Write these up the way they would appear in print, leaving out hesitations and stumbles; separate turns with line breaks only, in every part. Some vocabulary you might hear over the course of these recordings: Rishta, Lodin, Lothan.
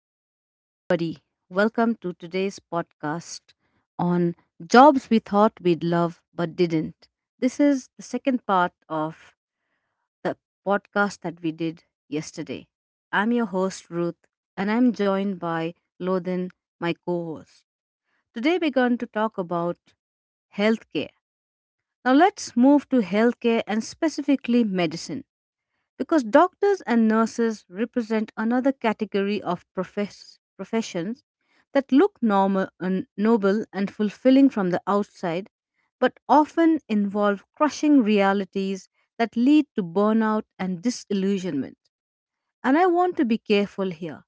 Hello, everybody. Welcome to today's podcast on jobs we thought we'd love but didn't. This is the second part of the podcast that we did yesterday. I'm your host, Ruth, and I'm joined by Lodin, my co host. Today, we're going to talk about healthcare. Now, let's move to healthcare and specifically medicine because doctors and nurses represent another category of professions that look normal and noble and fulfilling from the outside but often involve crushing realities that lead to burnout and disillusionment. And I want to be careful here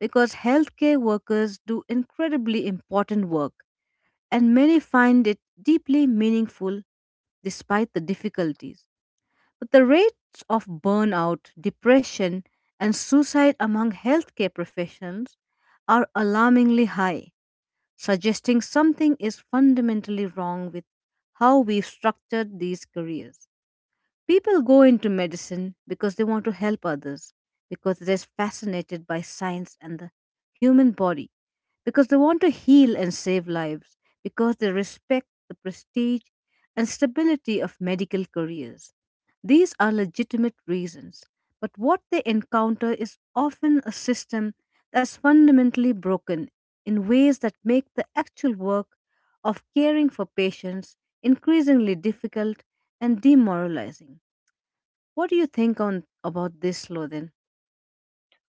because healthcare workers do incredibly important work and many find it deeply meaningful despite the difficulties. But the rates of burnout, depression, and suicide among healthcare professionals are alarmingly high, suggesting something is fundamentally wrong with how we've structured these careers. People go into medicine because they want to help others, because they're fascinated by science and the human body, because they want to heal and save lives, because they respect the prestige and stability of medical careers. These are legitimate reasons, but what they encounter is often a system that's fundamentally broken in ways that make the actual work of caring for patients increasingly difficult and demoralizing. What do you think on about this, Lothan?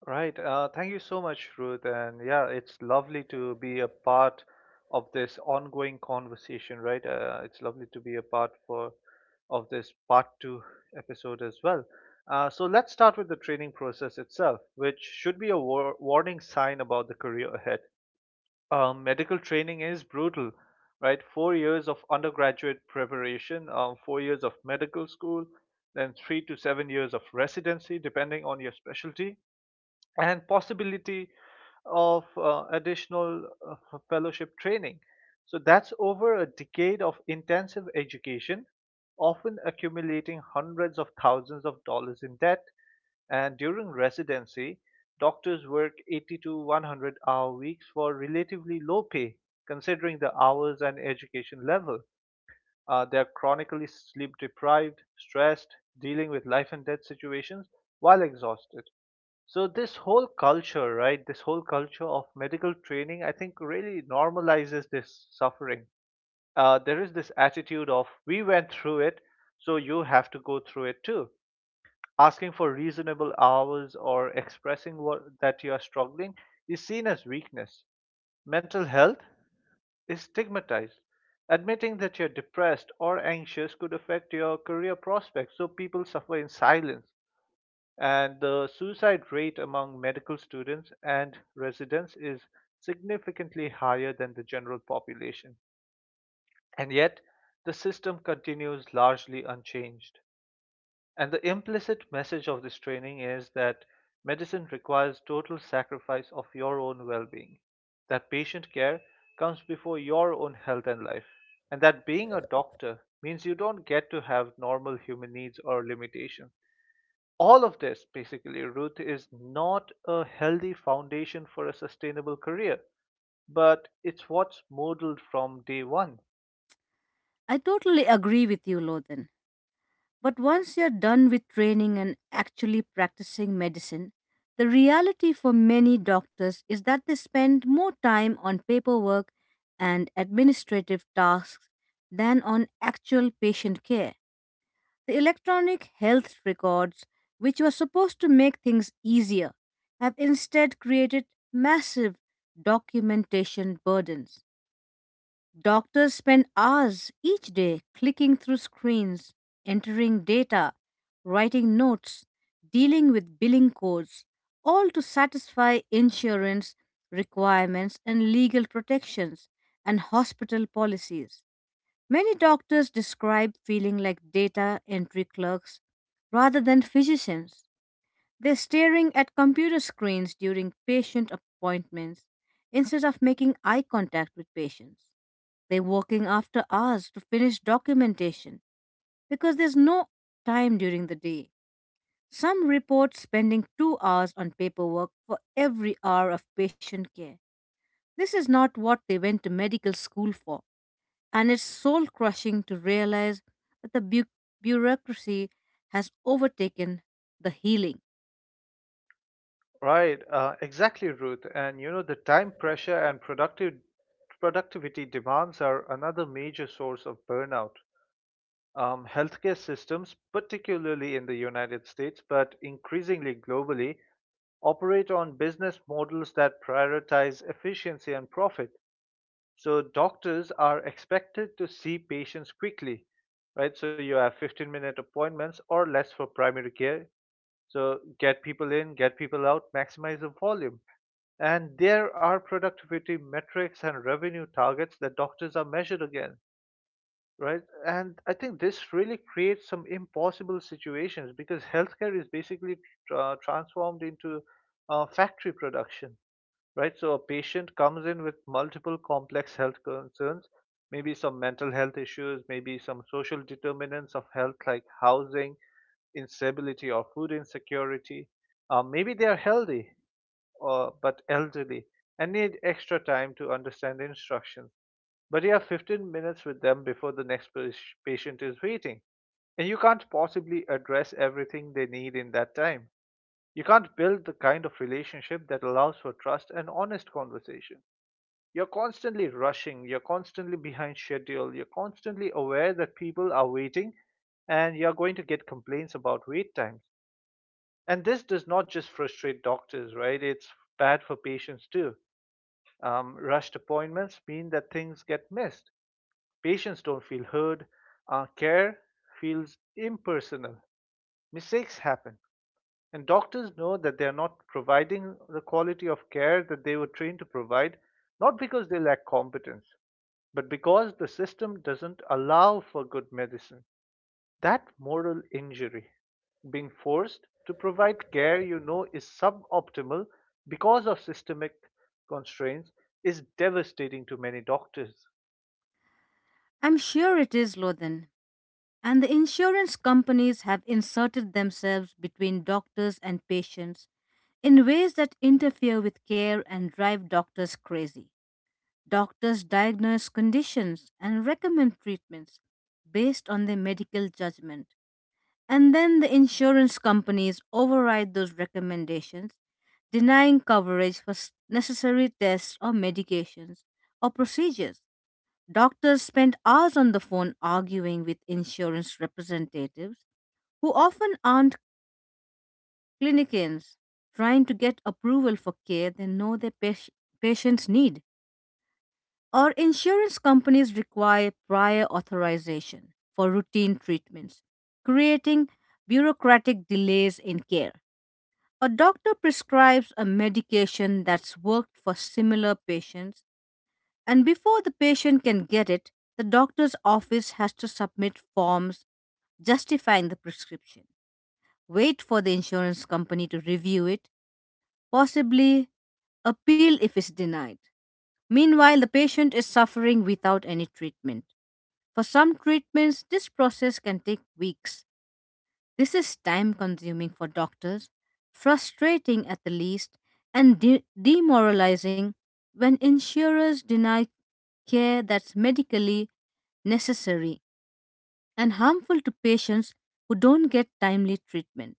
Right. Thank you so much, Ruth. And yeah, it's lovely to be a part of this ongoing conversation, right? It's lovely to be a part for of this part two episode as well. So let's start with the training process itself, which should be a warning sign about the career ahead. Medical training is brutal, right? 4 years of undergraduate preparation, 4 years of medical school, then 3 to 7 years of residency, depending on your specialty and possibility of additional fellowship training. So that's over a decade of intensive education, often accumulating hundreds of thousands of dollars in debt. And during residency, doctors work 80 to 100 hour weeks for relatively low pay, considering the hours and education level. They are chronically sleep deprived, stressed, dealing with life and death situations while exhausted. So this whole culture, right? This whole culture of medical training, I think, really normalizes this suffering. There is this attitude of we went through it, so you have to go through it too. Asking for reasonable hours or expressing what, that you are struggling is seen as weakness. Mental health is stigmatized. Admitting that you're depressed or anxious could affect your career prospects, so people suffer in silence, and the suicide rate among medical students and residents is significantly higher than the general population. And yet, the system continues largely unchanged. And the implicit message of this training is that medicine requires total sacrifice of your own well being, that patient care comes before your own health and life, and that being a doctor means you don't get to have normal human needs or limitations. All of this basically, Ruth, is not a healthy foundation for a sustainable career, but it's what's modeled from day one.
I totally agree with you, Lothan. But once you're done with training and actually practicing medicine, the reality for many doctors is that they spend more time on paperwork and administrative tasks than on actual patient care. The electronic health records, which were supposed to make things easier, have instead created massive documentation burdens. Doctors spend hours each day clicking through screens, entering data, writing notes, dealing with billing codes, all to satisfy insurance requirements and legal protections and hospital policies. Many doctors describe feeling like data entry clerks rather than physicians. They're staring at computer screens during patient appointments instead of making eye contact with patients. They're working after hours to finish documentation because there's no time during the day. Some report spending 2 hours on paperwork for every hour of patient care. This is not what they went to medical school for. And it's soul crushing to realize that the bureaucracy has overtaken the healing.
Right. Exactly, Ruth. And you know the time pressure and productive productivity demands are another major source of burnout. Healthcare systems, particularly in the United States but increasingly globally, operate on business models that prioritize efficiency and profit. So doctors are expected to see patients quickly, right? So you have 15-minute appointments or less for primary care. So get people in, get people out, maximize the volume. And there are productivity metrics and revenue targets that doctors are measured against, right? And I think this really creates some impossible situations because healthcare is basically transformed into factory production, right? So a patient comes in with multiple complex health concerns, maybe some mental health issues, maybe some social determinants of health like housing, instability or food insecurity. Maybe they are healthy, but elderly and need extra time to understand the instructions. But you have 15 minutes with them before the next patient is waiting. And you can't possibly address everything they need in that time. You can't build the kind of relationship that allows for trust and honest conversation. You're constantly rushing, you're constantly behind schedule, you're constantly aware that people are waiting, and you're going to get complaints about wait times. And this does not just frustrate doctors, right? It's bad for patients too. Rushed appointments mean that things get missed. Patients don't feel heard, care feels impersonal, mistakes happen. And doctors know that they are not providing the quality of care that they were trained to provide, not because they lack competence, but because the system doesn't allow for good medicine. That moral injury, being forced to provide care you know is suboptimal because of systemic constraints, is devastating to many doctors.
I'm sure it is, Lothan. And the insurance companies have inserted themselves between doctors and patients in ways that interfere with care and drive doctors crazy. Doctors diagnose conditions and recommend treatments based on their medical judgment. And then the insurance companies override those recommendations, denying coverage for necessary tests or medications or procedures. Doctors spend hours on the phone arguing with insurance representatives who often aren't clinicians, trying to get approval for care they know their patients need. Or insurance companies require prior authorization for routine treatments, creating bureaucratic delays in care. A doctor prescribes a medication that's worked for similar patients, and before the patient can get it, the doctor's office has to submit forms justifying the prescription, wait for the insurance company to review it, possibly appeal if it's denied. Meanwhile, the patient is suffering without any treatment. For some treatments, this process can take weeks. This is time consuming for doctors, frustrating at the least, and demoralizing when insurers deny care that's medically necessary and harmful to patients who don't get timely treatment.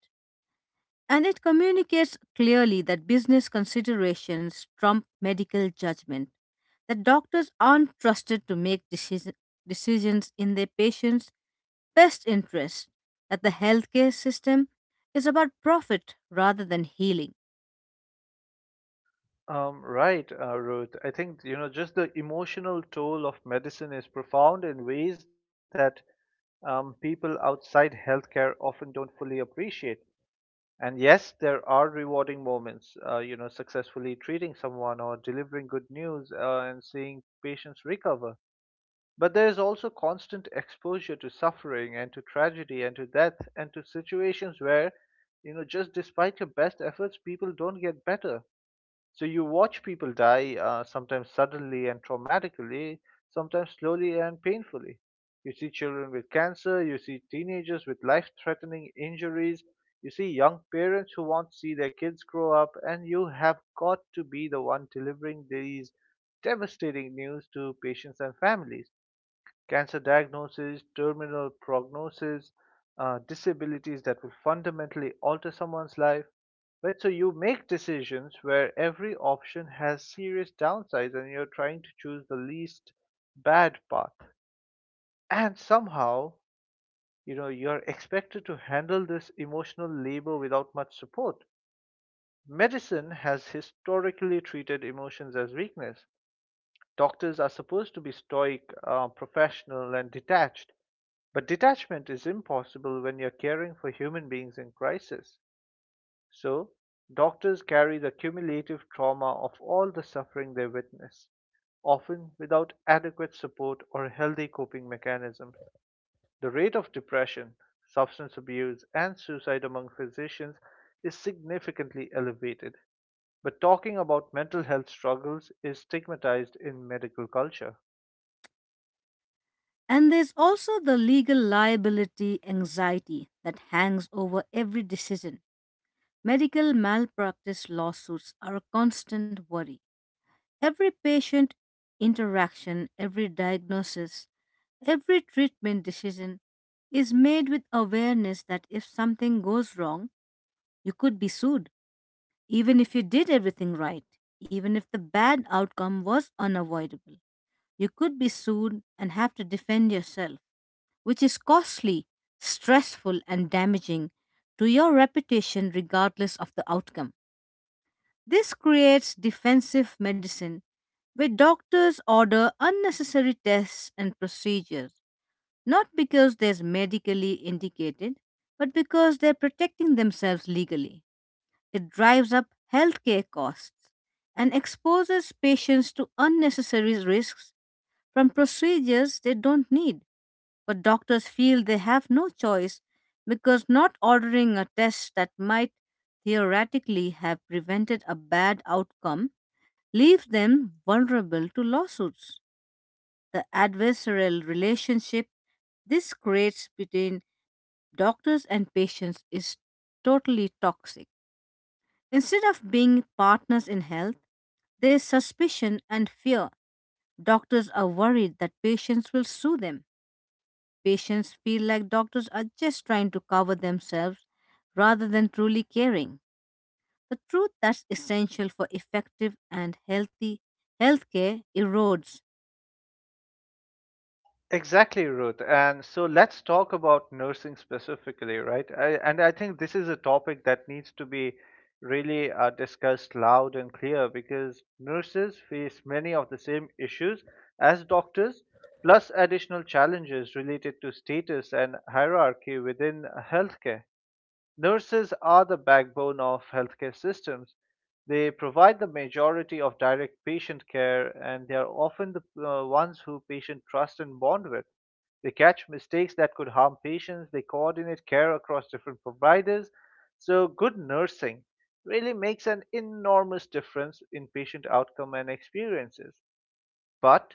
And it communicates clearly that business considerations trump medical judgment, that doctors aren't trusted to make decisions in their patients' best interest, that the healthcare system is about profit rather than healing.
Right, Ruth. I think you know just the emotional toll of medicine is profound in ways that people outside healthcare often don't fully appreciate. And yes, there are rewarding moments, you know, successfully treating someone or delivering good news and seeing patients recover. But there is also constant exposure to suffering and to tragedy and to death and to situations where, you know, just despite your best efforts, people don't get better. So you watch people die, sometimes suddenly and traumatically, sometimes slowly and painfully. You see children with cancer, you see teenagers with life threatening injuries, you see young parents who want to see their kids grow up, and you have got to be the one delivering these devastating news to patients and families. Cancer diagnosis, terminal prognosis, disabilities that will fundamentally alter someone's life. Right, so you make decisions where every option has serious downsides and you're trying to choose the least bad path. And somehow, you know, you're expected to handle this emotional labor without much support. Medicine has historically treated emotions as weakness. Doctors are supposed to be stoic, professional, and detached, but detachment is impossible when you're caring for human beings in crisis. So, doctors carry the cumulative trauma of all the suffering they witness, often without adequate support or healthy coping mechanisms. The rate of depression, substance abuse, and suicide among physicians is significantly elevated. But talking about mental health struggles is stigmatized in medical culture.
And there's also the legal liability anxiety that hangs over every decision. Medical malpractice lawsuits are a constant worry. Every patient interaction, every diagnosis, every treatment decision is made with awareness that if something goes wrong, you could be sued. Even if you did everything right, even if the bad outcome was unavoidable, you could be sued and have to defend yourself, which is costly, stressful, and damaging to your reputation regardless of the outcome. This creates defensive medicine where doctors order unnecessary tests and procedures, not because they're medically indicated, but because they're protecting themselves legally. It drives up healthcare costs and exposes patients to unnecessary risks from procedures they don't need. But doctors feel they have no choice because not ordering a test that might theoretically have prevented a bad outcome leaves them vulnerable to lawsuits. The adversarial relationship this creates between doctors and patients is totally toxic. Instead of being partners in health, there's suspicion and fear. Doctors are worried that patients will sue them. Patients feel like doctors are just trying to cover themselves rather than truly caring. The truth that's essential for effective and healthy healthcare erodes.
Exactly, Ruth. And so let's talk about nursing specifically, right? And I think this is a topic that needs to be really discussed loud and clear because nurses face many of the same issues as doctors, plus additional challenges related to status and hierarchy within healthcare. Nurses are the backbone of healthcare systems. They provide the majority of direct patient care, and they are often the ones who patients trust and bond with. They catch mistakes that could harm patients, they coordinate care across different providers. So, good nursing really makes an enormous difference in patient outcome and experiences. But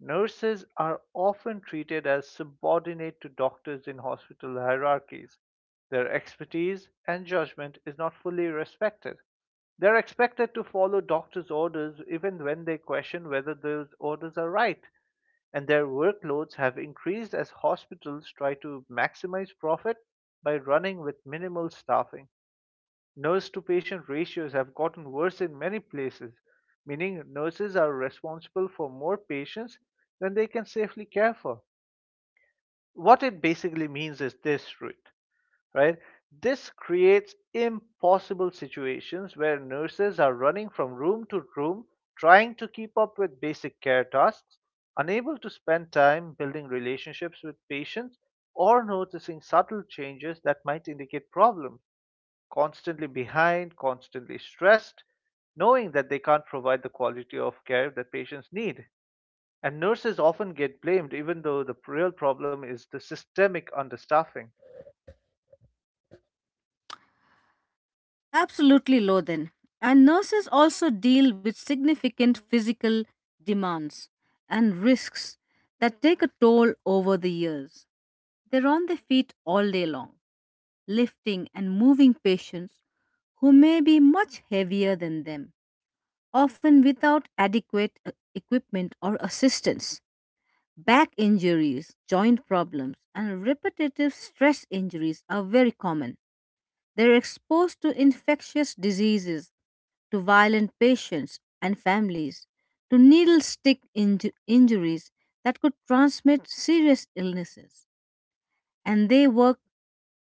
nurses are often treated as subordinate to doctors in hospital hierarchies. Their expertise and judgment is not fully respected. They are expected to follow doctors' orders even when they question whether those orders are right, and their workloads have increased as hospitals try to maximize profit by running with minimal staffing. Nurse to patient ratios have gotten worse in many places, meaning nurses are responsible for more patients than they can safely care for. What it basically means is this, Ruth, right? This creates impossible situations where nurses are running from room to room trying to keep up with basic care tasks, unable to spend time building relationships with patients or noticing subtle changes that might indicate problems. Constantly behind, constantly stressed, knowing that they can't provide the quality of care that patients need. And nurses often get blamed, even though the real problem is the systemic understaffing.
Absolutely, Lothan. And nurses also deal with significant physical demands and risks that take a toll over the years. They're on their feet all day long, lifting and moving patients who may be much heavier than them, often without adequate equipment or assistance. Back injuries, joint problems, and repetitive stress injuries are very common. They're exposed to infectious diseases, to violent patients and families, to needle stick injuries that could transmit serious illnesses. And they work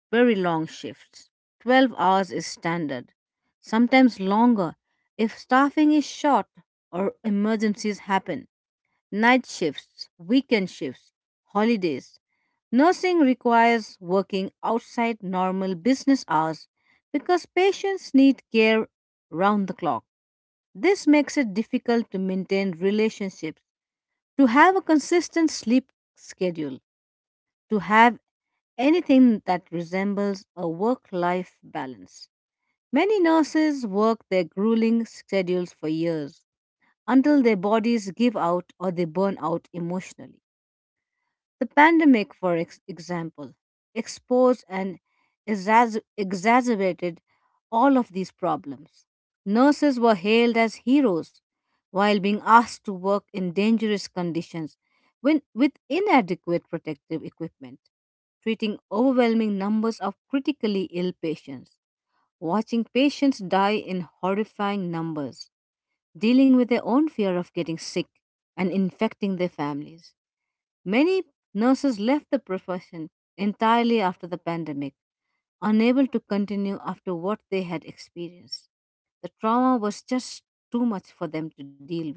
very long shifts. 12 hours is standard, sometimes longer if staffing is short or emergencies happen. Night shifts, weekend shifts, holidays. Nursing requires working outside normal business hours because patients need care round the clock. This makes it difficult to maintain relationships, to have a consistent sleep schedule, to have anything that resembles a work life balance. Many nurses work their grueling schedules for years until their bodies give out or they burn out emotionally. The pandemic, for example, exposed and exacerbated all of these problems. Nurses were hailed as heroes while being asked to work in dangerous conditions, when with inadequate protective equipment, treating overwhelming numbers of critically ill patients, watching patients die in horrifying numbers, dealing with their own fear of getting sick and infecting their families. Many nurses left the profession entirely after the pandemic, unable to continue after what they had experienced. The trauma was just too much for them to deal with.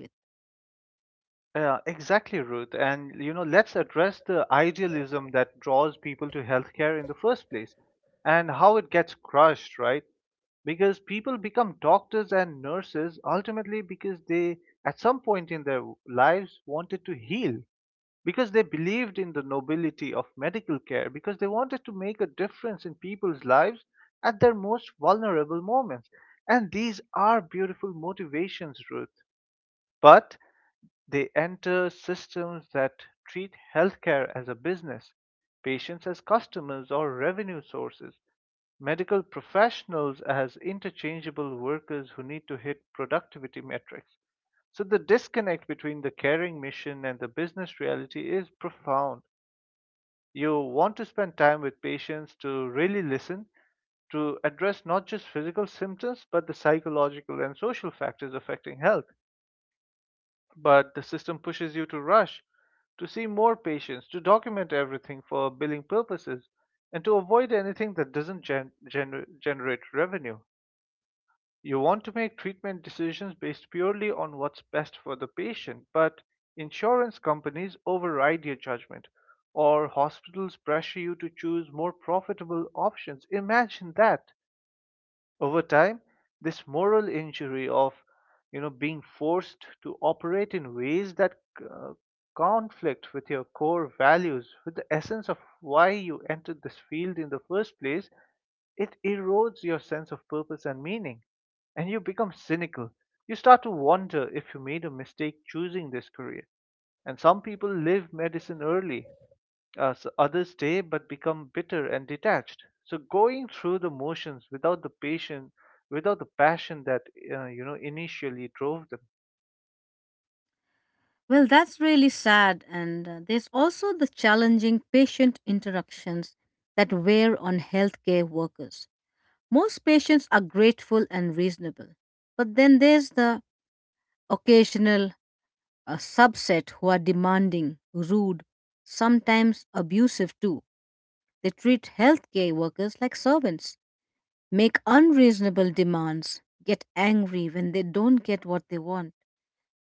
Yeah, exactly, Ruth. And you know, let's address the idealism that draws people to healthcare in the first place and how it gets crushed, right? Because people become doctors and nurses ultimately because they, at some point in their lives, wanted to heal, because they believed in the nobility of medical care, because they wanted to make a difference in people's lives at their most vulnerable moments. And these are beautiful motivations, Ruth. But they enter systems that treat healthcare as a business, patients as customers or revenue sources, medical professionals as interchangeable workers who need to hit productivity metrics. So the disconnect between the caring mission and the business reality is profound. You want to spend time with patients to really listen, to address not just physical symptoms, but the psychological and social factors affecting health. But the system pushes you to rush, to see more patients, to document everything for billing purposes, and to avoid anything that doesn't generate revenue. You want to make treatment decisions based purely on what's best for the patient, but insurance companies override your judgment, or hospitals pressure you to choose more profitable options. Imagine that. Over time, this moral injury of you know being forced to operate in ways that uh, conflict with your core values, with the essence of why you entered this field in the first place, it erodes your sense of purpose and meaning, and you become cynical. You start to wonder if you made a mistake choosing this career. And some people leave medicine early, others stay but become bitter and detached. So going through the motions without the passion, without the passion that you know initially drove them.
Well, that's really sad. And there's also the challenging patient interactions that wear on healthcare workers. Most patients are grateful and reasonable, but then there's the occasional subset who are demanding, rude, sometimes abusive too. They treat healthcare workers like servants, make unreasonable demands, get angry when they don't get what they want,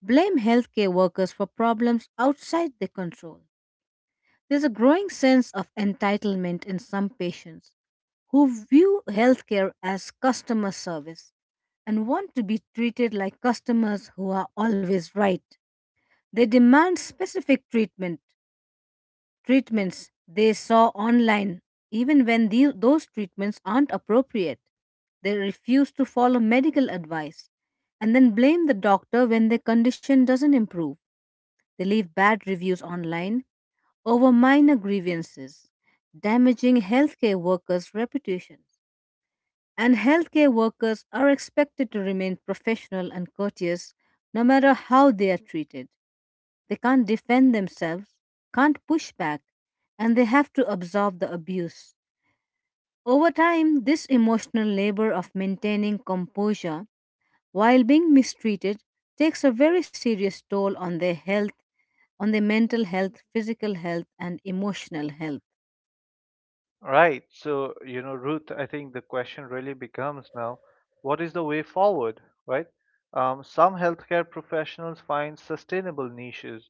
blame healthcare workers for problems outside their control. There's a growing sense of entitlement in some patients who view healthcare as customer service and want to be treated like customers who are always right. They demand specific treatments they saw online, even when those treatments aren't appropriate. They refuse to follow medical advice and then blame the doctor when their condition doesn't improve. They leave bad reviews online over minor grievances, damaging healthcare workers' reputations. And healthcare workers are expected to remain professional and courteous no matter how they are treated. They can't defend themselves, can't push back, and they have to absorb the abuse. Over time, this emotional labor of maintaining composure while being mistreated takes a very serious toll on their health, on their mental health, physical health, and emotional health.
Right. So, you know, Ruth, I think the question really becomes now, what is the way forward, right? Some healthcare professionals find sustainable niches,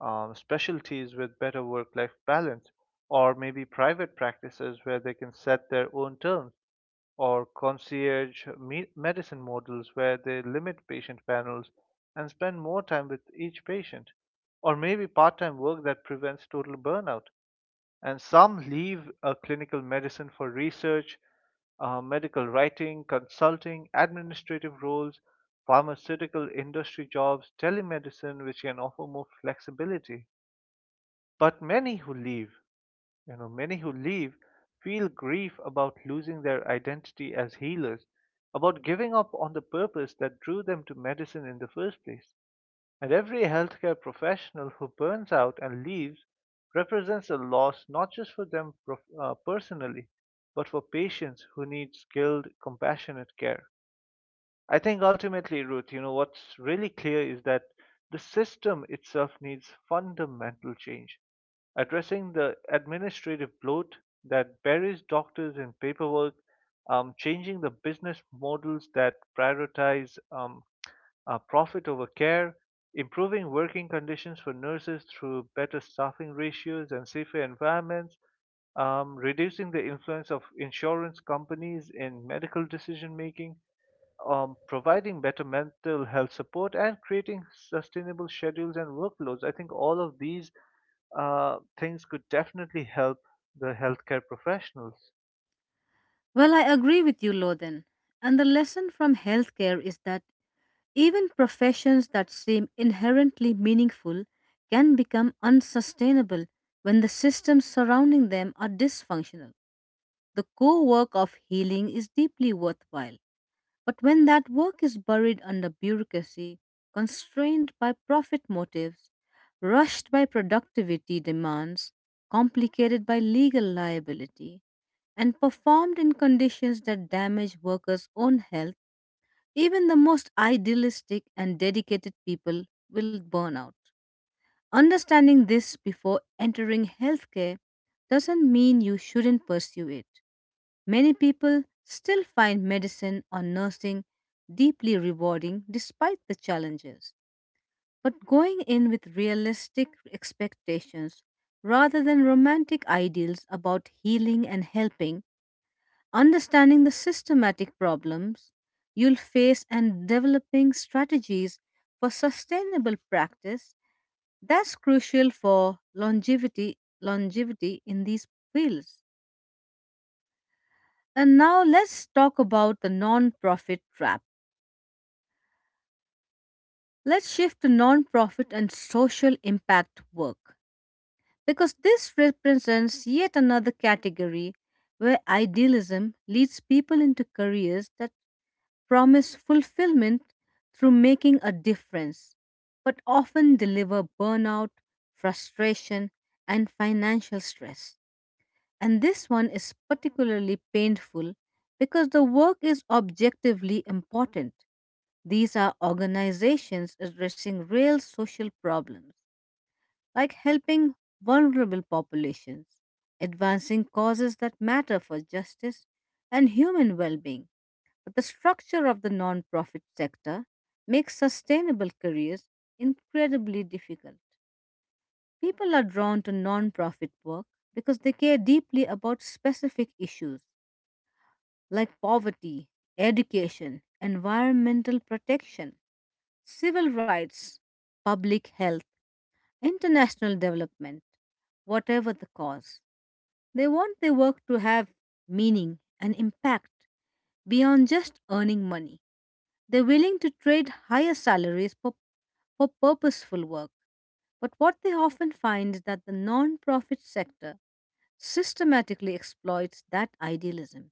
specialties with better work-life balance, or maybe private practices where they can set their own terms, or concierge medicine models where they limit patient panels and spend more time with each patient, or maybe part-time work that prevents total burnout, and some leave clinical medicine for research, medical writing, consulting, administrative roles, pharmaceutical industry jobs, telemedicine, which can offer more flexibility. But many who leave, many who leave feel grief about losing their identity as healers, about giving up on the purpose that drew them to medicine in the first place. And every healthcare professional who burns out and leaves represents a loss not just for them personally, but for patients who need skilled, compassionate care. I think ultimately, Ruth, what's really clear is that the system itself needs fundamental change. Addressing the administrative bloat that buries doctors in paperwork, changing the business models that prioritize profit over care, improving working conditions for nurses through better staffing ratios and safer environments, reducing the influence of insurance companies in medical decision making, providing better mental health support, and creating sustainable schedules and workloads. I think all of these things could definitely help the healthcare professionals.
Well, I agree with you, Loden. And the lesson from healthcare is that even professions that seem inherently meaningful can become unsustainable when the systems surrounding them are dysfunctional. The core work of healing is deeply worthwhile, but when that work is buried under bureaucracy, constrained by profit motives, rushed by productivity demands, complicated by legal liability, and performed in conditions that damage workers' own health, even the most idealistic and dedicated people will burn out. Understanding this before entering healthcare doesn't mean you shouldn't pursue it. Many people still find medicine or nursing deeply rewarding despite the challenges. But going in with realistic expectations rather than romantic ideals about healing and helping, understanding the systematic problems you'll face, and developing strategies for sustainable practice, that's crucial for longevity in these fields. And now let's talk about the non-profit trap. Let's shift to non-profit and social impact work because this represents yet another category where idealism leads people into careers that promise fulfillment through making a difference, but often deliver burnout, frustration, and financial stress. And this one is particularly painful because the work is objectively important. These are organizations addressing real social problems, like helping vulnerable populations, advancing causes that matter for justice and human well being. But the structure of the nonprofit sector makes sustainable careers incredibly difficult. People are drawn to nonprofit work because they care deeply about specific issues like poverty, education, environmental protection, civil rights, public health, international development, whatever the cause. They want their work to have meaning and impact beyond just earning money. They're willing to trade higher salaries for purposeful work. But what they often find is that the non-profit sector systematically exploits that idealism,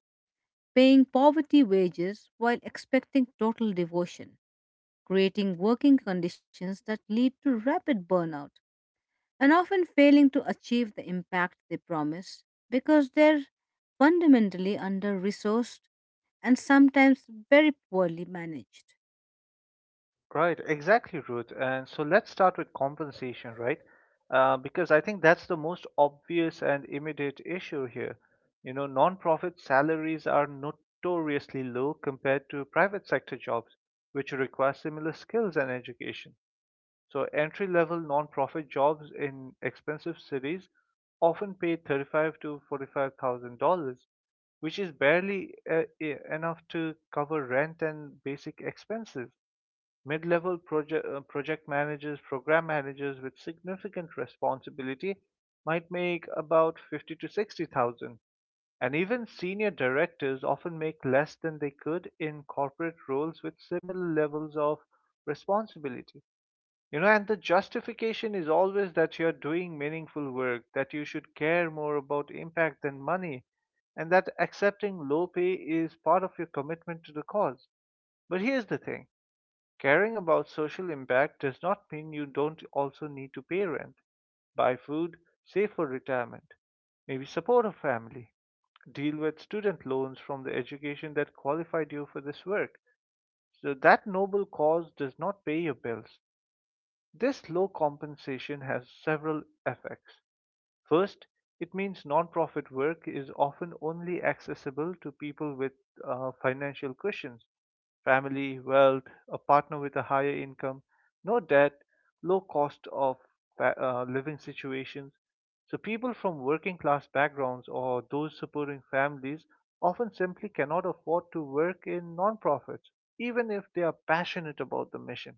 paying poverty wages while expecting total devotion, creating working conditions that lead to rapid burnout, and often failing to achieve the impact they promise because they're fundamentally under resourced and sometimes very poorly managed.
Right, exactly, Ruth. And so let's start with compensation, right? Because I think that's the most obvious and immediate issue here. Nonprofit salaries are notoriously low compared to private sector jobs, which require similar skills and education. So entry level nonprofit jobs in expensive cities often pay thirty-five to forty-five thousand dollars, which is barely enough to cover rent and basic expenses mid-level project managers, program managers with significant responsibility might make about 50 to 60,000. And even senior directors often make less than they could in corporate roles with similar levels of responsibility. And the justification is always that you're doing meaningful work, that you should care more about impact than money, and that accepting low pay is part of your commitment to the cause. But here's the thing. Caring about social impact does not mean you don't also need to pay rent, buy food, save for retirement, maybe support a family, deal with student loans from the education that qualified you for this work. So that noble cause does not pay your bills. This low compensation has several effects. First, it means nonprofit work is often only accessible to people with financial cushions, family, wealth, a partner with a higher income, no debt, low cost of living situations. So, people from working class backgrounds or those supporting families often simply cannot afford to work in nonprofits, even if they are passionate about the mission.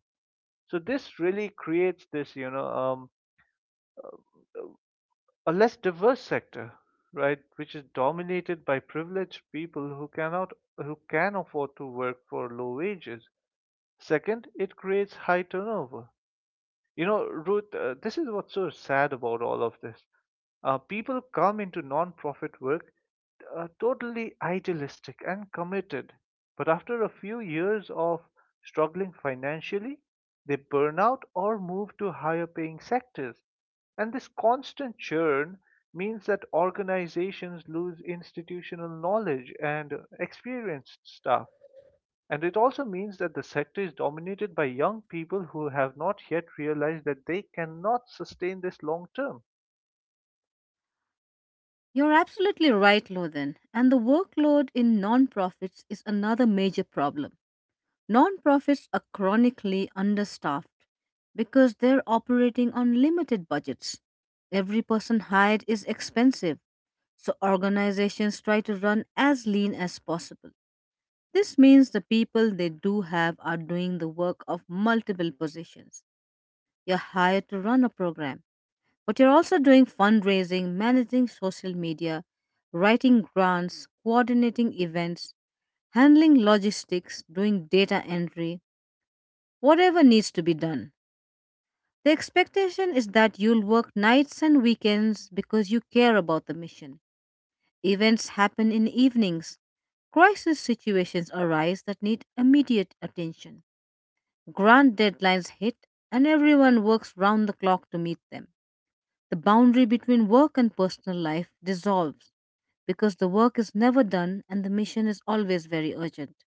So, this really creates a less diverse sector, right, which is dominated by privileged people who cannot who can afford to work for low wages. Second, it creates high turnover, you know, Ruth, this is what's so sad about all of this. People come into non-profit work totally idealistic and committed, but after a few years of struggling financially, they burn out or move to higher paying sectors. And this constant churn means that organizations lose institutional knowledge and experienced staff. And it also means that the sector is dominated by young people who have not yet realized that they cannot sustain this long term.
You're absolutely right, Lothan. And the workload in nonprofits is another major problem. Nonprofits are chronically understaffed because they're operating on limited budgets. Every person hired is expensive, so organizations try to run as lean as possible. This means the people they do have are doing the work of multiple positions. You're hired to run a program, but you're also doing fundraising, managing social media, writing grants, coordinating events, handling logistics, doing data entry, whatever needs to be done. The expectation is that you'll work nights and weekends because you care about the mission. Events happen in evenings. Crisis situations arise that need immediate attention. Grant deadlines hit, and everyone works round the clock to meet them. The boundary between work and personal life dissolves because the work is never done and the mission is always very urgent.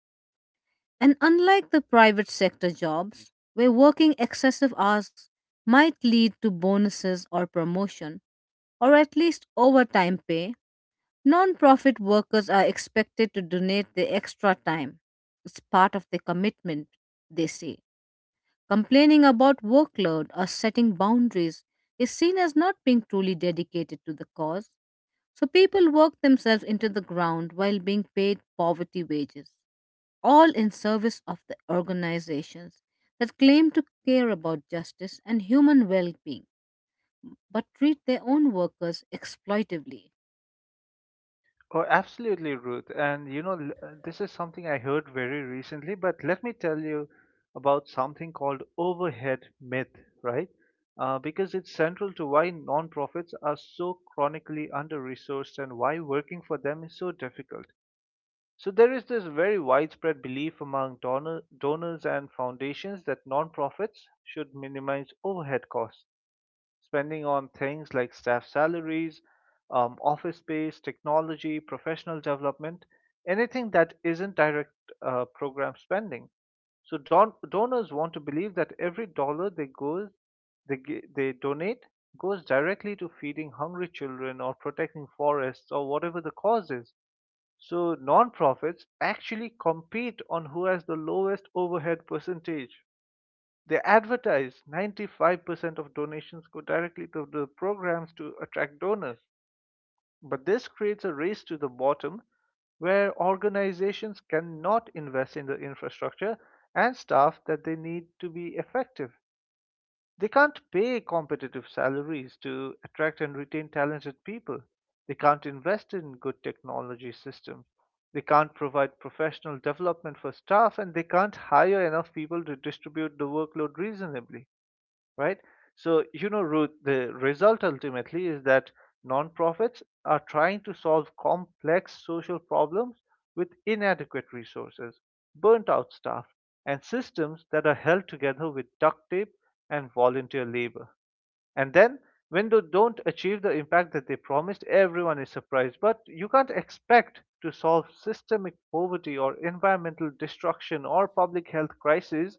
And unlike the private sector jobs, where working excessive hours might lead to bonuses or promotion or at least overtime pay, non-profit workers are expected to donate the extra time. It's part of the commitment, they say. Complaining about workload or setting boundaries is seen as not being truly dedicated to the cause. So people work themselves into the ground while being paid poverty wages, all in service of the organizations that claim to care about justice and human well being, but treat their own workers exploitively.
Oh, absolutely, Ruth. And this is something I heard very recently, but let me tell you about something called overhead myth, right? Because it's central to why nonprofits are so chronically under resourced and why working for them is so difficult. So there is this very widespread belief among donors and foundations that nonprofits should minimize overhead costs, spending on things like staff salaries, office space, technology, professional development, anything that isn't direct program spending. So donors want to believe that every dollar they donate goes directly to feeding hungry children or protecting forests or whatever the cause is. So non-profits actually compete on who has the lowest overhead percentage. They advertise 95% of donations go directly to the programs to attract donors. But this creates a race to the bottom where organizations cannot invest in the infrastructure and staff that they need to be effective. They can't pay competitive salaries to attract and retain talented people. They can't invest in good technology systems. They can't provide professional development for staff, and they can't hire enough people to distribute the workload reasonably, right? So, you know, Ruth, the result ultimately is that nonprofits are trying to solve complex social problems with inadequate resources, burnt out staff, and systems that are held together with duct tape and volunteer labor. And then, when they don't achieve the impact that they promised, everyone is surprised. But you can't expect to solve systemic poverty or environmental destruction or public health crises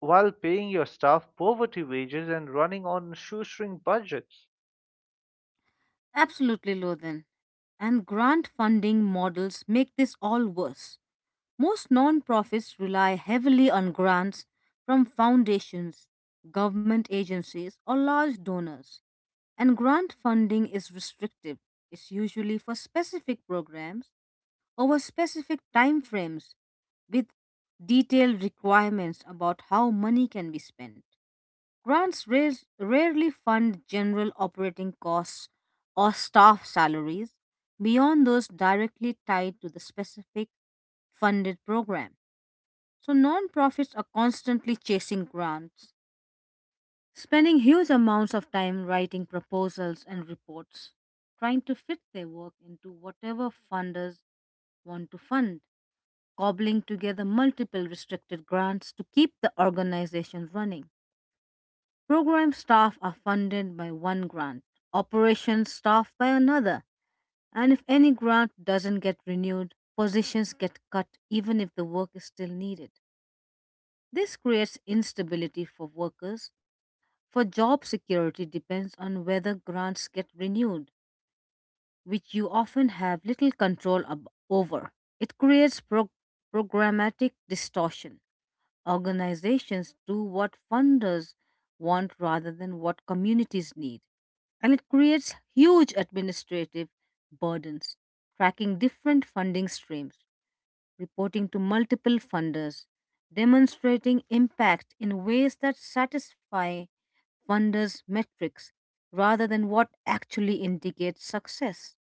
while paying your staff poverty wages and running on shoestring budgets.
Absolutely, Lothan. And grant funding models make this all worse. Most nonprofits rely heavily on grants from foundations, government agencies, or large donors. And grant funding is restrictive. It's usually for specific programs over specific timeframes with detailed requirements about how money can be spent. Rarely fund general operating costs or staff salaries beyond those directly tied to the specific funded program. So, nonprofits are constantly chasing grants, spending huge amounts of time writing proposals and reports, trying to fit their work into whatever funders want to fund, cobbling together multiple restricted grants to keep the organization running. Program staff are funded by one grant, operations staff by another, and if any grant doesn't get renewed, positions get cut even if the work is still needed. This creates instability for workers. For job security depends on whether grants get renewed, which you often have little control over. It creates programmatic distortion. Organizations do what funders want rather than what communities need, and it creates huge administrative burdens. Tracking different funding streams, reporting to multiple funders, demonstrating impact in ways that satisfy wonders metrics rather than what actually indicates success.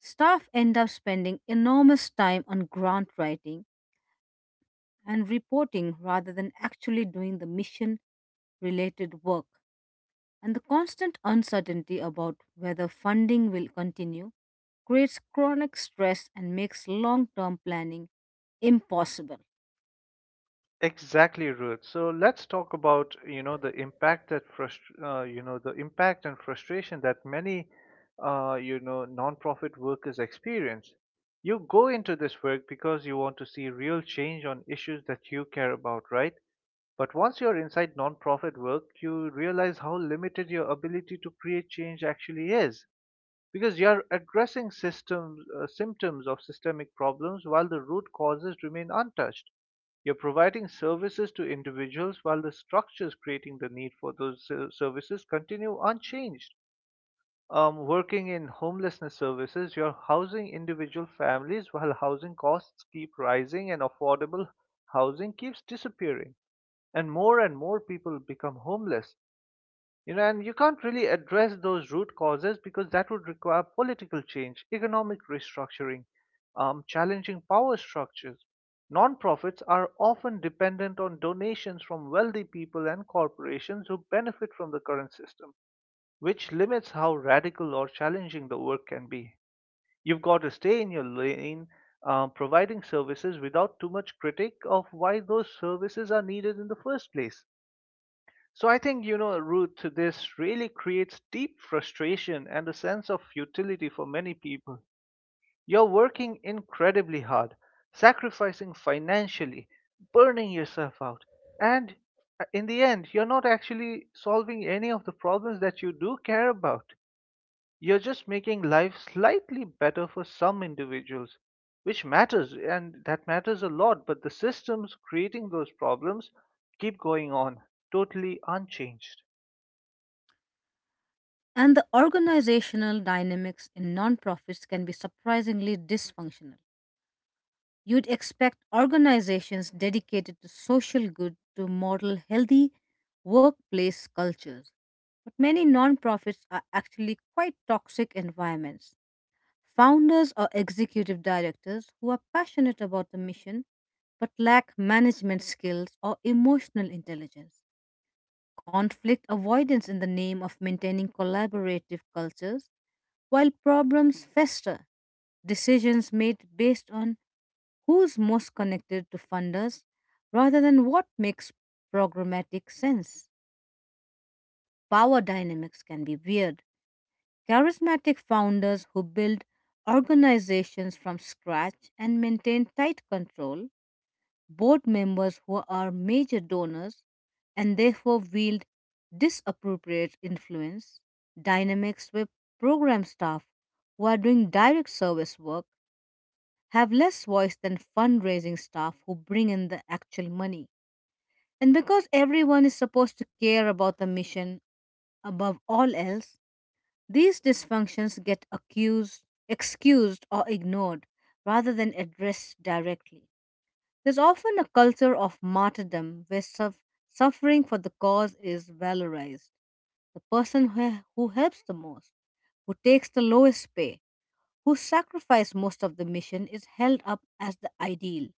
Staff end up spending enormous time on grant writing and reporting rather than actually doing the mission related work. And the constant uncertainty about whether funding will continue creates chronic stress and makes long term planning impossible.
Exactly, Ruth. So let's talk about the impact that the impact and frustration that many nonprofit workers experience. You go into this work because you want to see real change on issues that you care about, right? But once you're inside nonprofit work, you realize how limited your ability to create change actually is, because you are addressing symptoms of systemic problems while the root causes remain untouched. You're providing services to individuals while the structures creating the need for those services continue unchanged. Working in homelessness services, you're housing individual families while housing costs keep rising and affordable housing keeps disappearing. And more people become homeless. You know, and you can't really address those root causes because that would require political change, economic restructuring, challenging power structures. Nonprofits are often dependent on donations from wealthy people and corporations who benefit from the current system, which limits how radical or challenging the work can be. You've got to stay in your lane, providing services without too much critique of why those services are needed in the first place. So I think, you know, Ruth, this really creates deep frustration and a sense of futility for many people. You're working incredibly hard, sacrificing financially, burning yourself out, and in the end, you're not actually solving any of the problems that you do care about. You're just making life slightly better for some individuals, which matters, and that matters a lot, but the systems creating those problems keep going on, totally unchanged.
And the organizational dynamics in nonprofits can be surprisingly dysfunctional. You'd expect organizations dedicated to social good to model healthy workplace cultures. But many nonprofits are actually quite toxic environments. Founders or executive directors who are passionate about the mission but lack management skills or emotional intelligence. Conflict avoidance in the name of maintaining collaborative cultures, while problems fester. Decisions made based on who's most connected to funders rather than what makes programmatic sense. Power dynamics can be weird. Charismatic founders who build organizations from scratch and maintain tight control, board members who are major donors and therefore wield disappropriate influence, dynamics where program staff who are doing direct service work have less voice than fundraising staff who bring in the actual money. And because everyone is supposed to care about the mission above all else, these dysfunctions get accused, excused, or ignored rather than addressed directly. There's often a culture of martyrdom where suffering for the cause is valorized. The person who helps the most, who takes the lowest pay, who sacrifices most of the mission is held up as the ideal.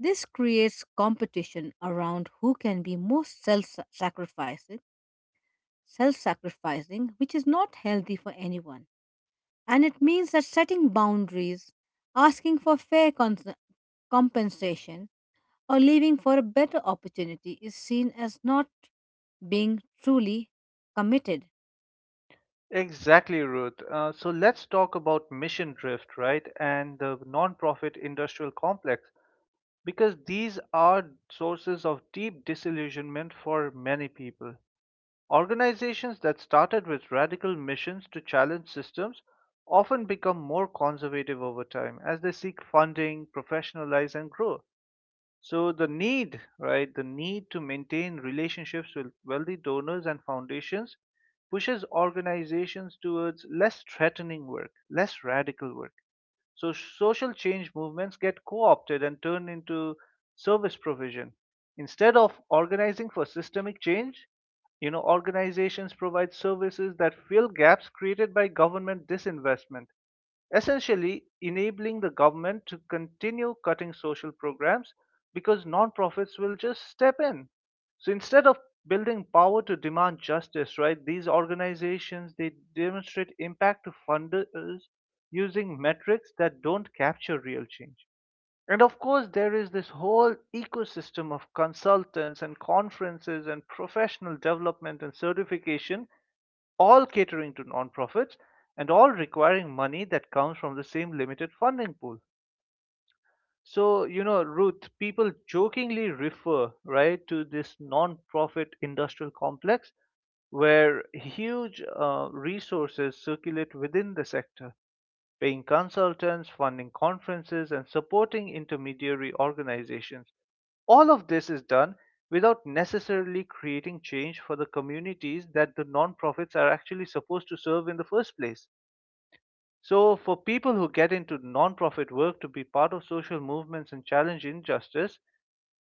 This creates competition around who can be most self sacrificed self sacrificing, which is not healthy for anyone. And it means that setting boundaries, asking for compensation, or leaving for a better opportunity is seen as not being truly committed.
Exactly, Ruth. So let's talk about Mission Drift, right, and the nonprofit industrial complex, because these are sources of deep disillusionment for many people. Organizations that started with radical missions to challenge systems often become more conservative over time as they seek funding, professionalize, and grow. So the need to maintain relationships with wealthy donors and foundations pushes organizations towards less threatening work, less radical work. So social change movements get co-opted and turned into service provision. Instead of organizing for systemic change, you know, organizations provide services that fill gaps created by government disinvestment, essentially enabling the government to continue cutting social programs because nonprofits will just step in. So instead of building power to demand justice, right, these organizations they demonstrate impact to funders using metrics that don't capture real change. And of course, there is this whole ecosystem of consultants and conferences and professional development and certification, all catering to nonprofits and all requiring money that comes from the same limited funding pool. So, you know, Ruth, people jokingly refer, right, to this nonprofit industrial complex where huge resources circulate within the sector, paying consultants, funding conferences, and supporting intermediary organizations. All of this is done without necessarily creating change for the communities that the nonprofits are actually supposed to serve in the first place. So, for people who get into nonprofit work to be part of social movements and challenge injustice,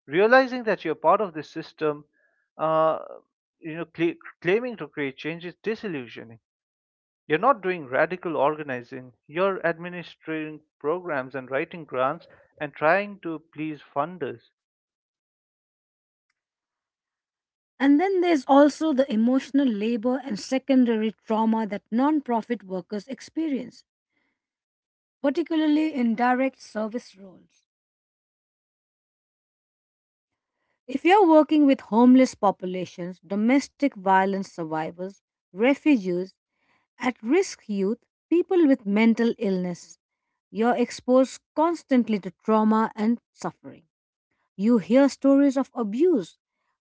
realizing that you're part of this system, uh, you know, cl- claiming to create change is disillusioning. You're not doing radical organizing, you're administering programs and writing grants and trying to please funders.
And then there's also the emotional labor and secondary trauma that non-profit workers experience, particularly in direct service roles. If you're working with homeless populations, domestic violence survivors, refugees, at risk youth, people with mental illness, you're exposed constantly to trauma and suffering. You hear stories of abuse.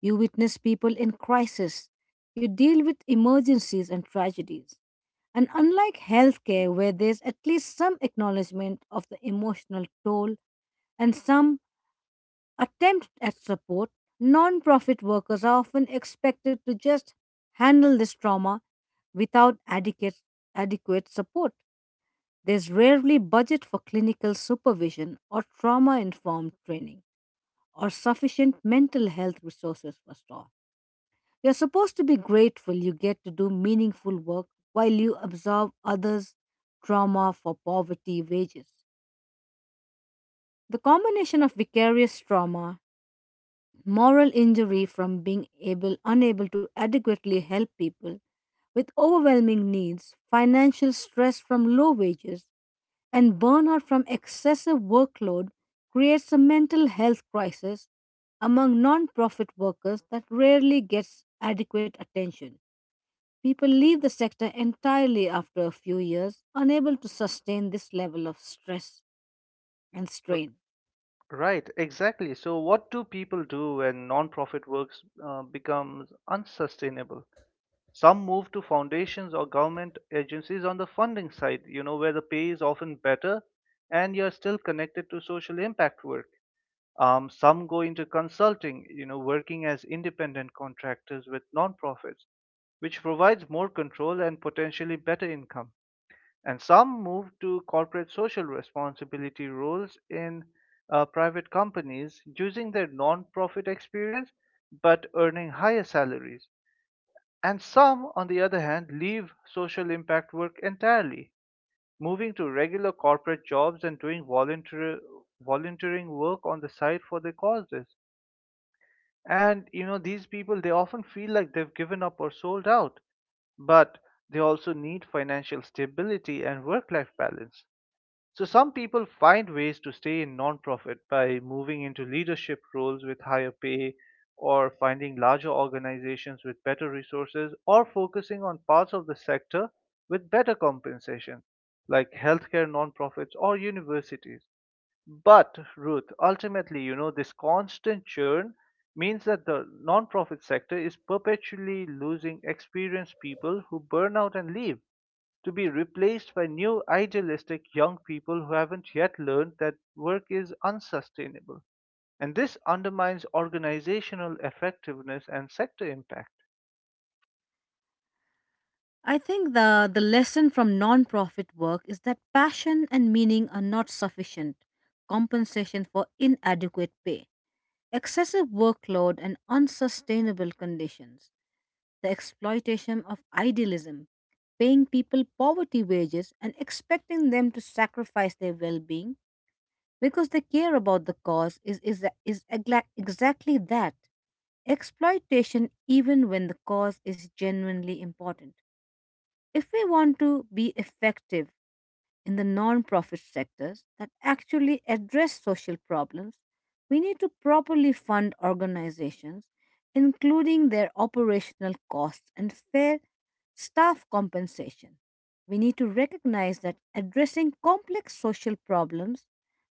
You witness people in crisis. You deal with emergencies and tragedies. And unlike healthcare, where there's at least some acknowledgement of the emotional toll and some attempt at support, non-profit workers are often expected to just handle this trauma without adequate support. There's rarely budget for clinical supervision or trauma informed training or sufficient mental health resources for staff. You're supposed to be grateful you get to do meaningful work while you absorb others' trauma for poverty wages. The combination of vicarious trauma, moral injury from being able unable to adequately help people with overwhelming needs, financial stress from low wages, and burnout from excessive workload creates a mental health crisis among non-profit workers that rarely gets adequate attention. People leave the sector entirely after a few years, unable to sustain this level of stress and
R-
strain.
Right, exactly. So, what do people do when nonprofit works becomes unsustainable? Some move to foundations or government agencies on the funding side, you know, where the pay is often better and you're still connected to social impact work. Some go into consulting, you know, working as independent contractors with nonprofits, which provides more control and potentially better income. And some move to corporate social responsibility roles in private companies using their nonprofit experience but earning higher salaries. And some, on the other hand, leave social impact work entirely, moving to regular corporate jobs and doing volunteering work on the side for their causes. And you know, these people they often feel like they've given up or sold out, but they also need financial stability and work life balance. So, some people find ways to stay in nonprofit by moving into leadership roles with higher pay, or finding larger organizations with better resources, or focusing on parts of the sector with better compensation, like healthcare nonprofits or universities. But Ruth, ultimately, you know, this constant churn means that the nonprofit sector is perpetually losing experienced people who burn out and leave to be replaced by new idealistic young people who haven't yet learned that work is unsustainable. And this undermines organizational effectiveness and sector impact.
I think the lesson from non-profit work is that passion and meaning are not sufficient compensation for inadequate pay, excessive workload and unsustainable conditions. The exploitation of idealism, paying people poverty wages and expecting them to sacrifice their well being because they care about the cause exactly that, exploitation, even when the cause is genuinely important. If we want to be effective in the non-profit sectors that actually address social problems, we need to properly fund organizations, including their operational costs and fair staff compensation. We need to recognize that addressing complex social problems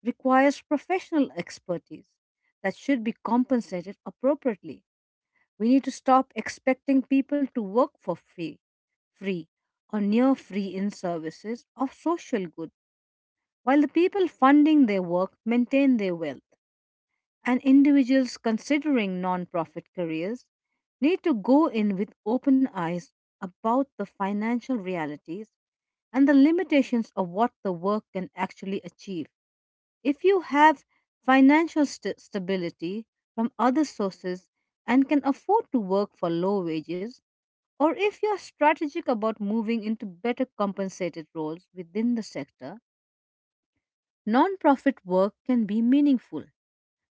requires professional expertise that should be compensated appropriately. We need to stop expecting people to work for free or near free in services of social good while the people funding their work maintain their wealth, and individuals considering non-profit careers need to go in with open eyes about the financial realities and the limitations of what the work can actually achieve. If you have stability from other sources and can afford to work for low wages, or if you are strategic about moving into better compensated roles within the sector, non-profit work can be meaningful,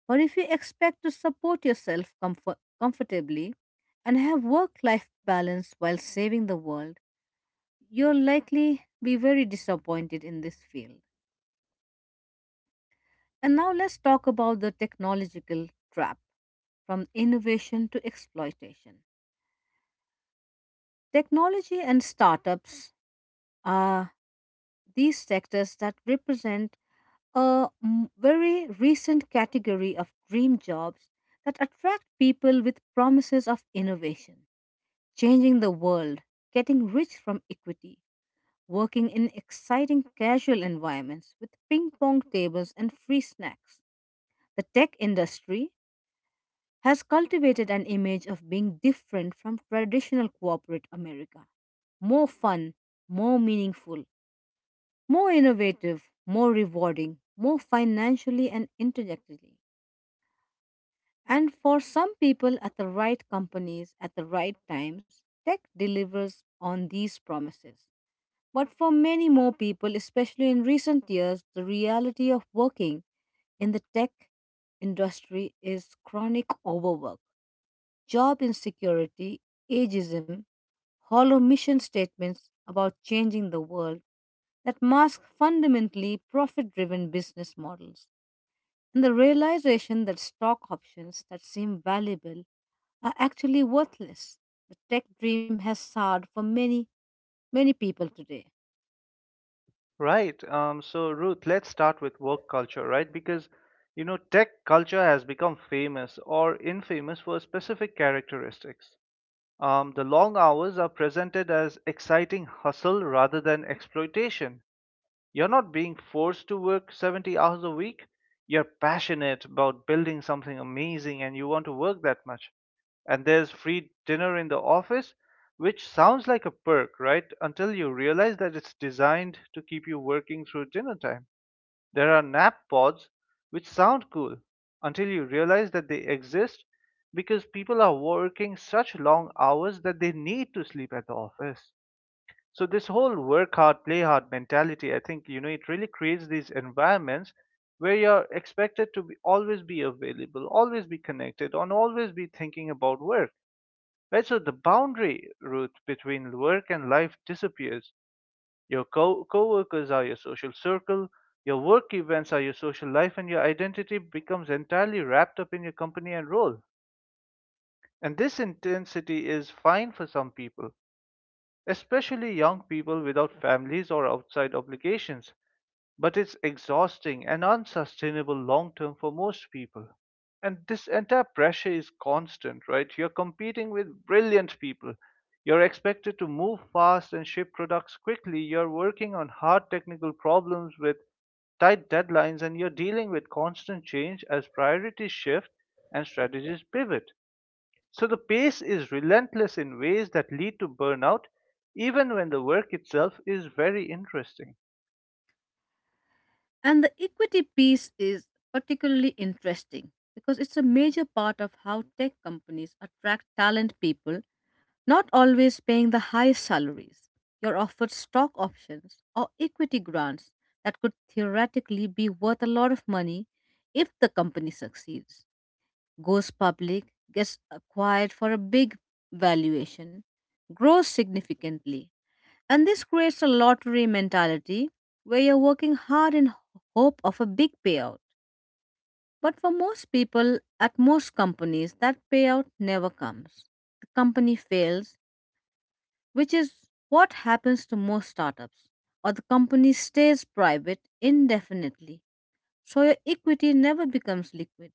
but if you expect to support yourself comfortably and have work life balance while saving the world, you'll likely be very disappointed in this field. And now let's talk about the technological trap, from innovation to exploitation. Technology and startups are these sectors that represent very recent category of dream jobs that attract people with promises of innovation, changing the world, getting rich from equity, working in exciting casual environments with ping pong tables and free snacks. The tech industry has cultivated an image of being different from traditional corporate America. More fun, more meaningful, more innovative, more rewarding, more financially and intellectually. And for some people at the right companies at the right times, tech delivers on these promises. But for many more people, especially in recent years, the reality of working in the tech industry is chronic overwork, job insecurity, ageism, hollow mission statements about changing the world that mask fundamentally profit driven business models, and the realization that stock options that seem valuable are actually worthless. The tech dream has soured for many people today.
Right. So, Ruth, let's start with work culture, right? Because, you know, tech culture has become famous or infamous for specific characteristics. The long hours are presented as exciting hustle rather than exploitation. You're not being forced to work 70 hours a week. You're passionate about building something amazing and you want to work that much. And there's free dinner in the office, which sounds like a perk, right? Until you realize that it's designed to keep you working through dinner time. There are nap pods, which sound cool, until you realize that they exist because people are working such long hours that they need to sleep at the office. So this whole work hard, play hard mentality, I think you know it really creates these environments where you're expected to be, always be available, always be connected, and always be thinking about work. Right, so the boundary route between work and life disappears. Your co-workers are your social circle, your work events are your social life, and your identity becomes entirely wrapped up in your company and role. And this intensity is fine for some people, especially young people without families or outside obligations, but it's exhausting and unsustainable long term for most people. And this entire pressure is constant, right? You're competing with brilliant people. You're expected to move fast and ship products quickly. You're working on hard technical problems with tight deadlines, and you're dealing with constant change as priorities shift and strategies pivot. So the pace is relentless in ways that lead to burnout, even when the work itself is very interesting.
And the equity piece is particularly interesting because it's a major part of how tech companies attract talent people, not always paying the highest salaries. You're offered stock options or equity grants that could theoretically be worth a lot of money if the company succeeds, goes public, gets acquired for a big valuation, grows significantly. And this creates a lottery mentality where you're working hard in hope of a big payout. But for most people at most companies, that payout never comes. The company fails, which is what happens to most startups, or the company stays private indefinitely so your equity never becomes liquid,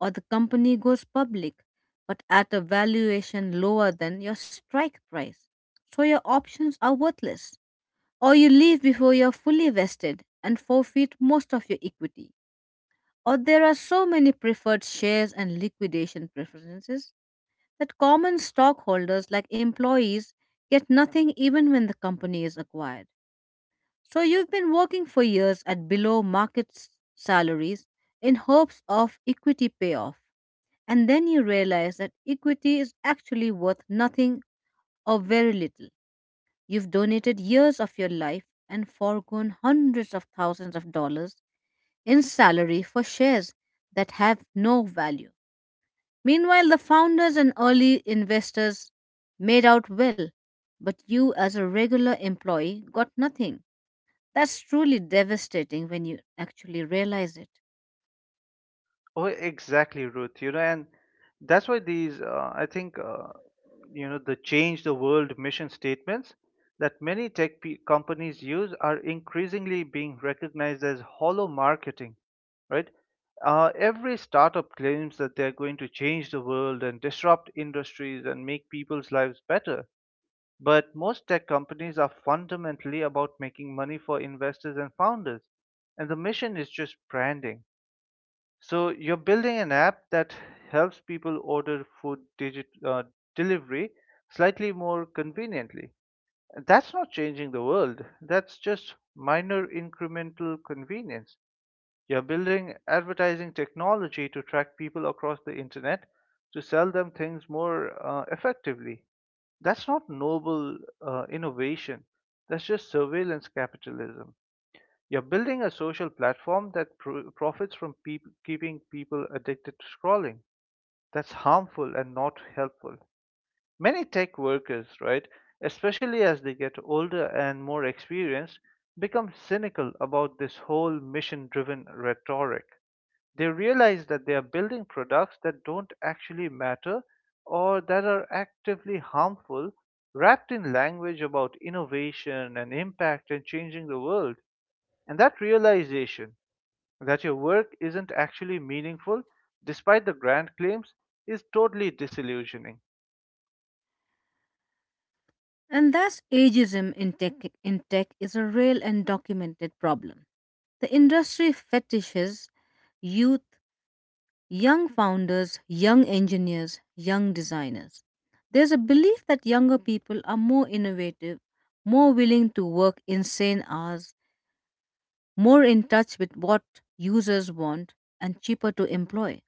or the company goes public but at a valuation lower than your strike price. So your options are worthless. Or you leave before you're fully vested and forfeit most of your equity. Or there are so many preferred shares and liquidation preferences that common stockholders like employees get nothing even when the company is acquired. So you've been working for years at salaries in hopes of equity payoff. And then you realize that equity is actually worth nothing or very little. You've donated years of your life and foregone hundreds of thousands of dollars in salary for shares that have no value. Meanwhile, the founders and early investors made out well, but you, as a regular employee, got nothing. That's truly devastating when you actually realize it.
Oh, exactly, Ruth. You know, and that's why these, I think, you know, the change the world mission statements that many tech pe companies use are increasingly being recognized as hollow marketing, right? Every startup claims that they're going to change the world and disrupt industries and make people's lives better. But most tech companies are fundamentally about making money for investors and founders, and the mission is just branding. So you're building an app that helps people order food digit delivery slightly more conveniently. That's not changing the world. That's just minor incremental convenience. You're building advertising technology to track people across the internet to sell them things more effectively. That's not noble innovation. That's just surveillance capitalism. You're building a social platform that profits from peop keeping people addicted to scrolling. That's harmful and not helpful. Many tech workers, right, especially as they get older and more experienced, become cynical about this whole mission driven rhetoric. They realize that they are building products that don't actually matter or that are actively harmful, wrapped in language about innovation and impact and changing the world. And that realization that your work isn't actually meaningful, despite the grand claims, is totally disillusioning.
And thus, ageism in tech is a real and documented problem. The industry fetishes youth, young founders, young engineers, young designers. There's a belief that younger people are more innovative, more willing to work insane hours, more in touch with what users want, and cheaper to employ.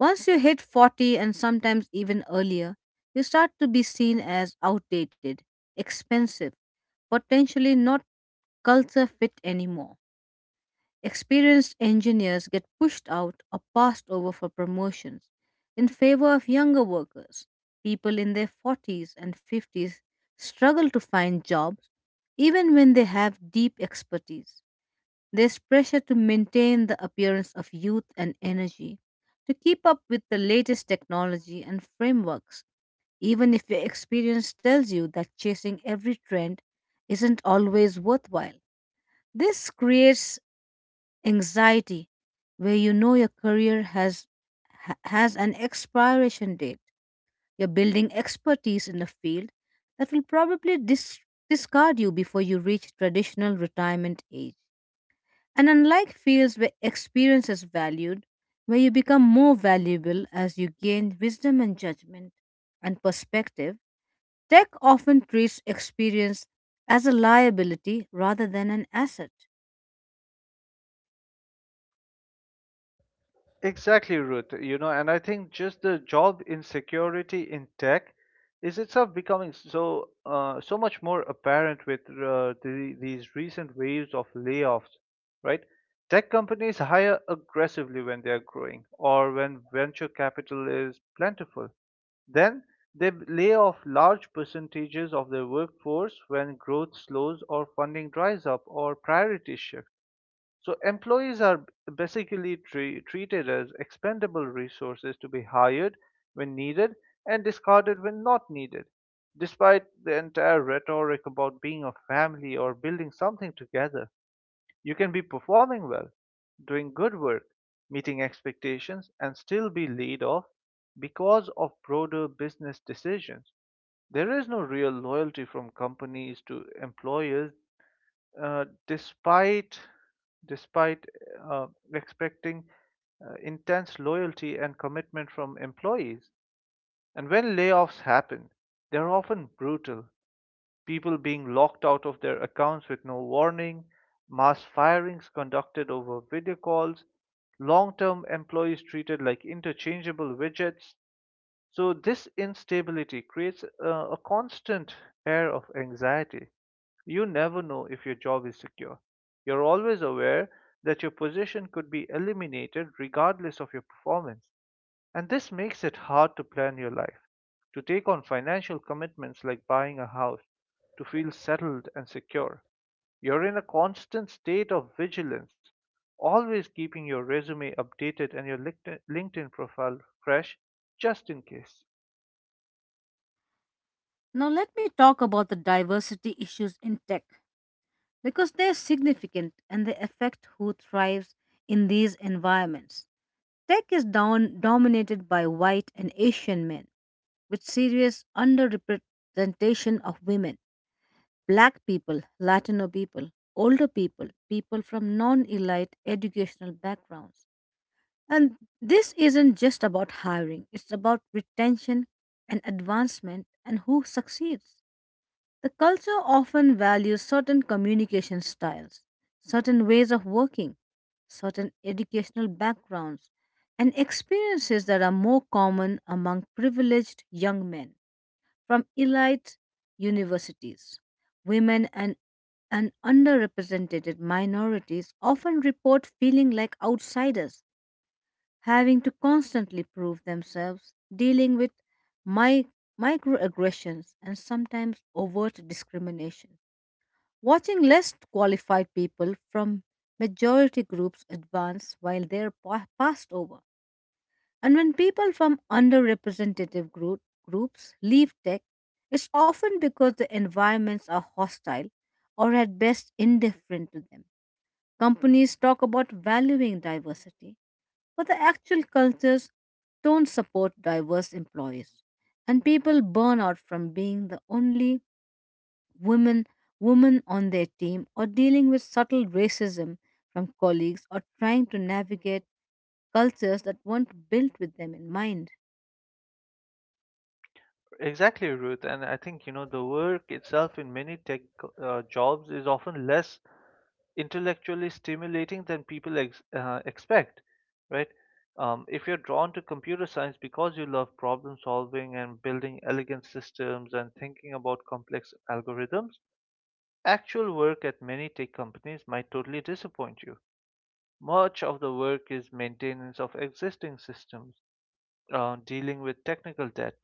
Once you hit 40, and sometimes even earlier, you start to be seen as outdated, expensive, potentially not culture fit anymore. Experienced engineers get pushed out or passed over for promotions in favor of younger workers. People in their 40s and 50s struggle to find jobs even when they have deep expertise. There's pressure to maintain the appearance of youth and energy, to keep up with the latest technology and frameworks, even if your experience tells you that chasing every trend isn't always worthwhile. This creates anxiety where you know your career has an expiration date. You're building expertise in a field that will probably discard you before you reach traditional retirement age. And unlike fields where experience is valued, where you become more valuable as you gain wisdom and judgment and perspective, tech often treats experience as a liability rather than an asset.
Exactly, Ruth. You know, and I think just the job insecurity in tech is itself becoming so so much more apparent with these recent waves of layoffs, right? Tech companies hire aggressively when they are growing or when venture capital is plentiful. Then lay off large percentages of their workforce when growth slows or funding dries up or priorities shift. So employees are basically treated as expendable resources to be hired when needed and discarded when not needed. Despite the entire rhetoric about being a family or building something together, you can be performing well, doing good work, meeting expectations, and still be laid off because of broader business decisions. There is no real loyalty from companies to employers uh, despite despite uh, expecting intense loyalty and commitment from employees. And when layoffs happen, they're often brutal. People being locked out of their accounts with no warning, mass firings conducted over video calls, long term employees treated like interchangeable widgets. So, this instability creates a constant air of anxiety. You never know if your job is secure. You're always aware that your position could be eliminated regardless of your performance. And this makes it hard to plan your life, to take on financial commitments like buying a house, to feel settled and secure. You're in a constant state of vigilance, always keeping your resume updated and your LinkedIn profile fresh just in case.
Now, let me talk about the diversity issues in tech, because they are significant and they affect who thrives in these environments. Tech is down, dominated by white and Asian men, with serious underrepresentation of women, Black people, Latino people, older people, people from non elite educational backgrounds. And this isn't just about hiring, it's about retention and advancement and who succeeds. The culture often values certain communication styles, certain ways of working, certain educational backgrounds, and experiences that are more common among privileged young men from elite universities. Women and underrepresented minorities often report feeling like outsiders, having to constantly prove themselves, dealing with mi- microaggressions and sometimes overt discrimination. Watching less qualified people from majority groups advance while they're passed over, and when people from underrepresented groups leave tech, it's often because the environments are hostile or at best indifferent to them. Companies talk about valuing diversity, but the actual cultures don't support diverse employees. And people burn out from being the only women woman on their team, or dealing with subtle racism from colleagues, or trying to navigate cultures that weren't built with them in mind.
Exactly, Ruth. And I think, you know, the work itself in many tech jobs is often less intellectually stimulating than people ex expect, right? If you're drawn to computer science because you love problem solving and building elegant systems and thinking about complex algorithms, actual work at many tech companies might totally disappoint you. Much of the work is maintenance of existing systems, dealing with technical debt,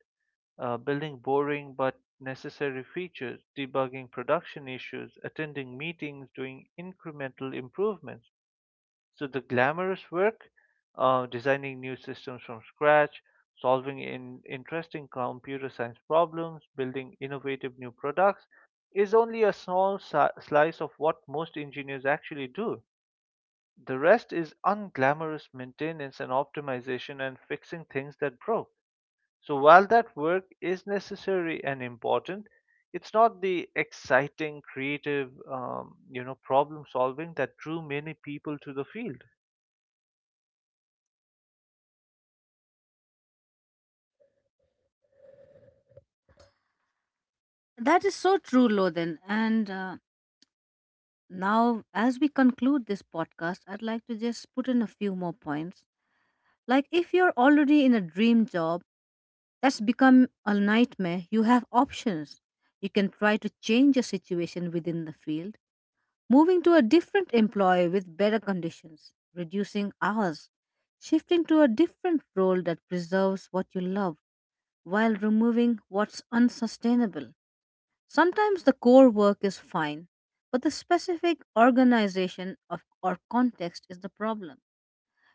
building boring but necessary features, debugging production issues, attending meetings, doing incremental improvements. So the glamorous work, designing new systems from scratch, solving in interesting computer science problems, building innovative new products, is only a small slice of what most engineers actually do. The rest is unglamorous maintenance and optimization and fixing things that broke. So while that work is necessary and important, it's not the exciting, creative, you know, problem solving that drew many people to the field.
That is so true, Lodin. And now, as we conclude this podcast, I'd like to just put in a few more points. Like, if you're already in a dream job that's become a nightmare, you have options. You can try to change your situation within the field, moving to a different employer with better conditions, reducing hours, shifting to a different role that preserves what you love while removing what's unsustainable. Sometimes the core work is fine, but the specific organization or context is the problem.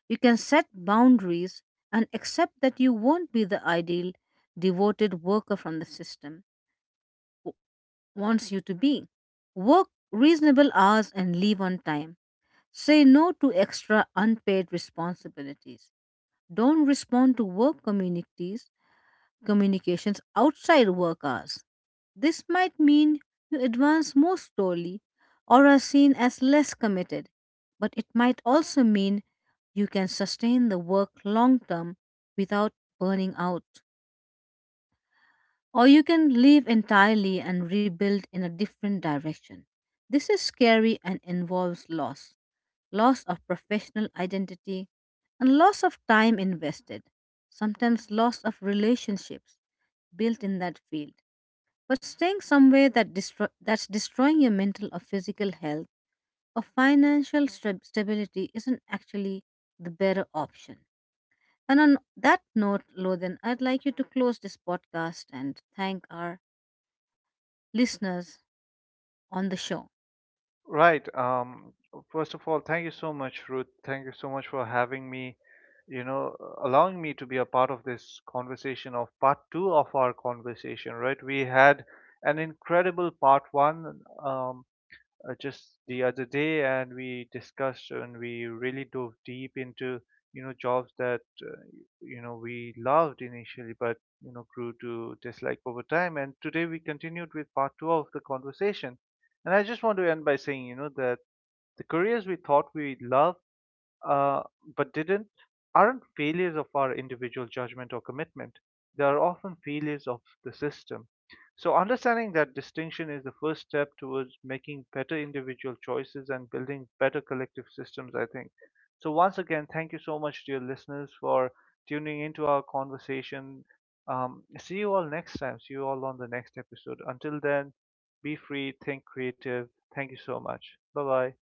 You can set boundaries and accept that you won't be the ideal devoted worker from the system w- wants you to be. Work reasonable hours and leave on time. Say no to extra unpaid responsibilities. Don't respond to work communities communications outside work hours. This might mean you advance more slowly or are seen as less committed, but it might also mean you can sustain the work long term without burning out. Or you can leave entirely and rebuild in a different direction. This is scary and involves loss, loss of professional identity, and loss of time invested, sometimes loss of relationships built in that field. But staying somewhere that's destroying your mental or physical health or financial stability isn't actually the better option. And on that note, Lothan, I'd like you to close this podcast and thank our listeners on the show.
Right. First of all, thank you so much, Ruth. Thank you so much for having me, you know, allowing me to be a part of this conversation, of part two of our conversation, right? We had an incredible part one. Just the other day, and we discussed and we really dove deep into, you know, jobs that you know we loved initially, but you know grew to dislike over time. And today we continued with part 2 of the conversation, and I just want to end by saying, you know, that the careers we thought we loved uh, but didn't aren't failures of our individual judgment or commitment. They are often failures of the system. So understanding that distinction is the first step towards making better individual choices and building better collective systems, I think. So once again, thank you so much, dear listeners, for tuning into our conversation. See you all next time. See you all on the next episode. Until then, be free, think creative. Thank you so much. Bye bye.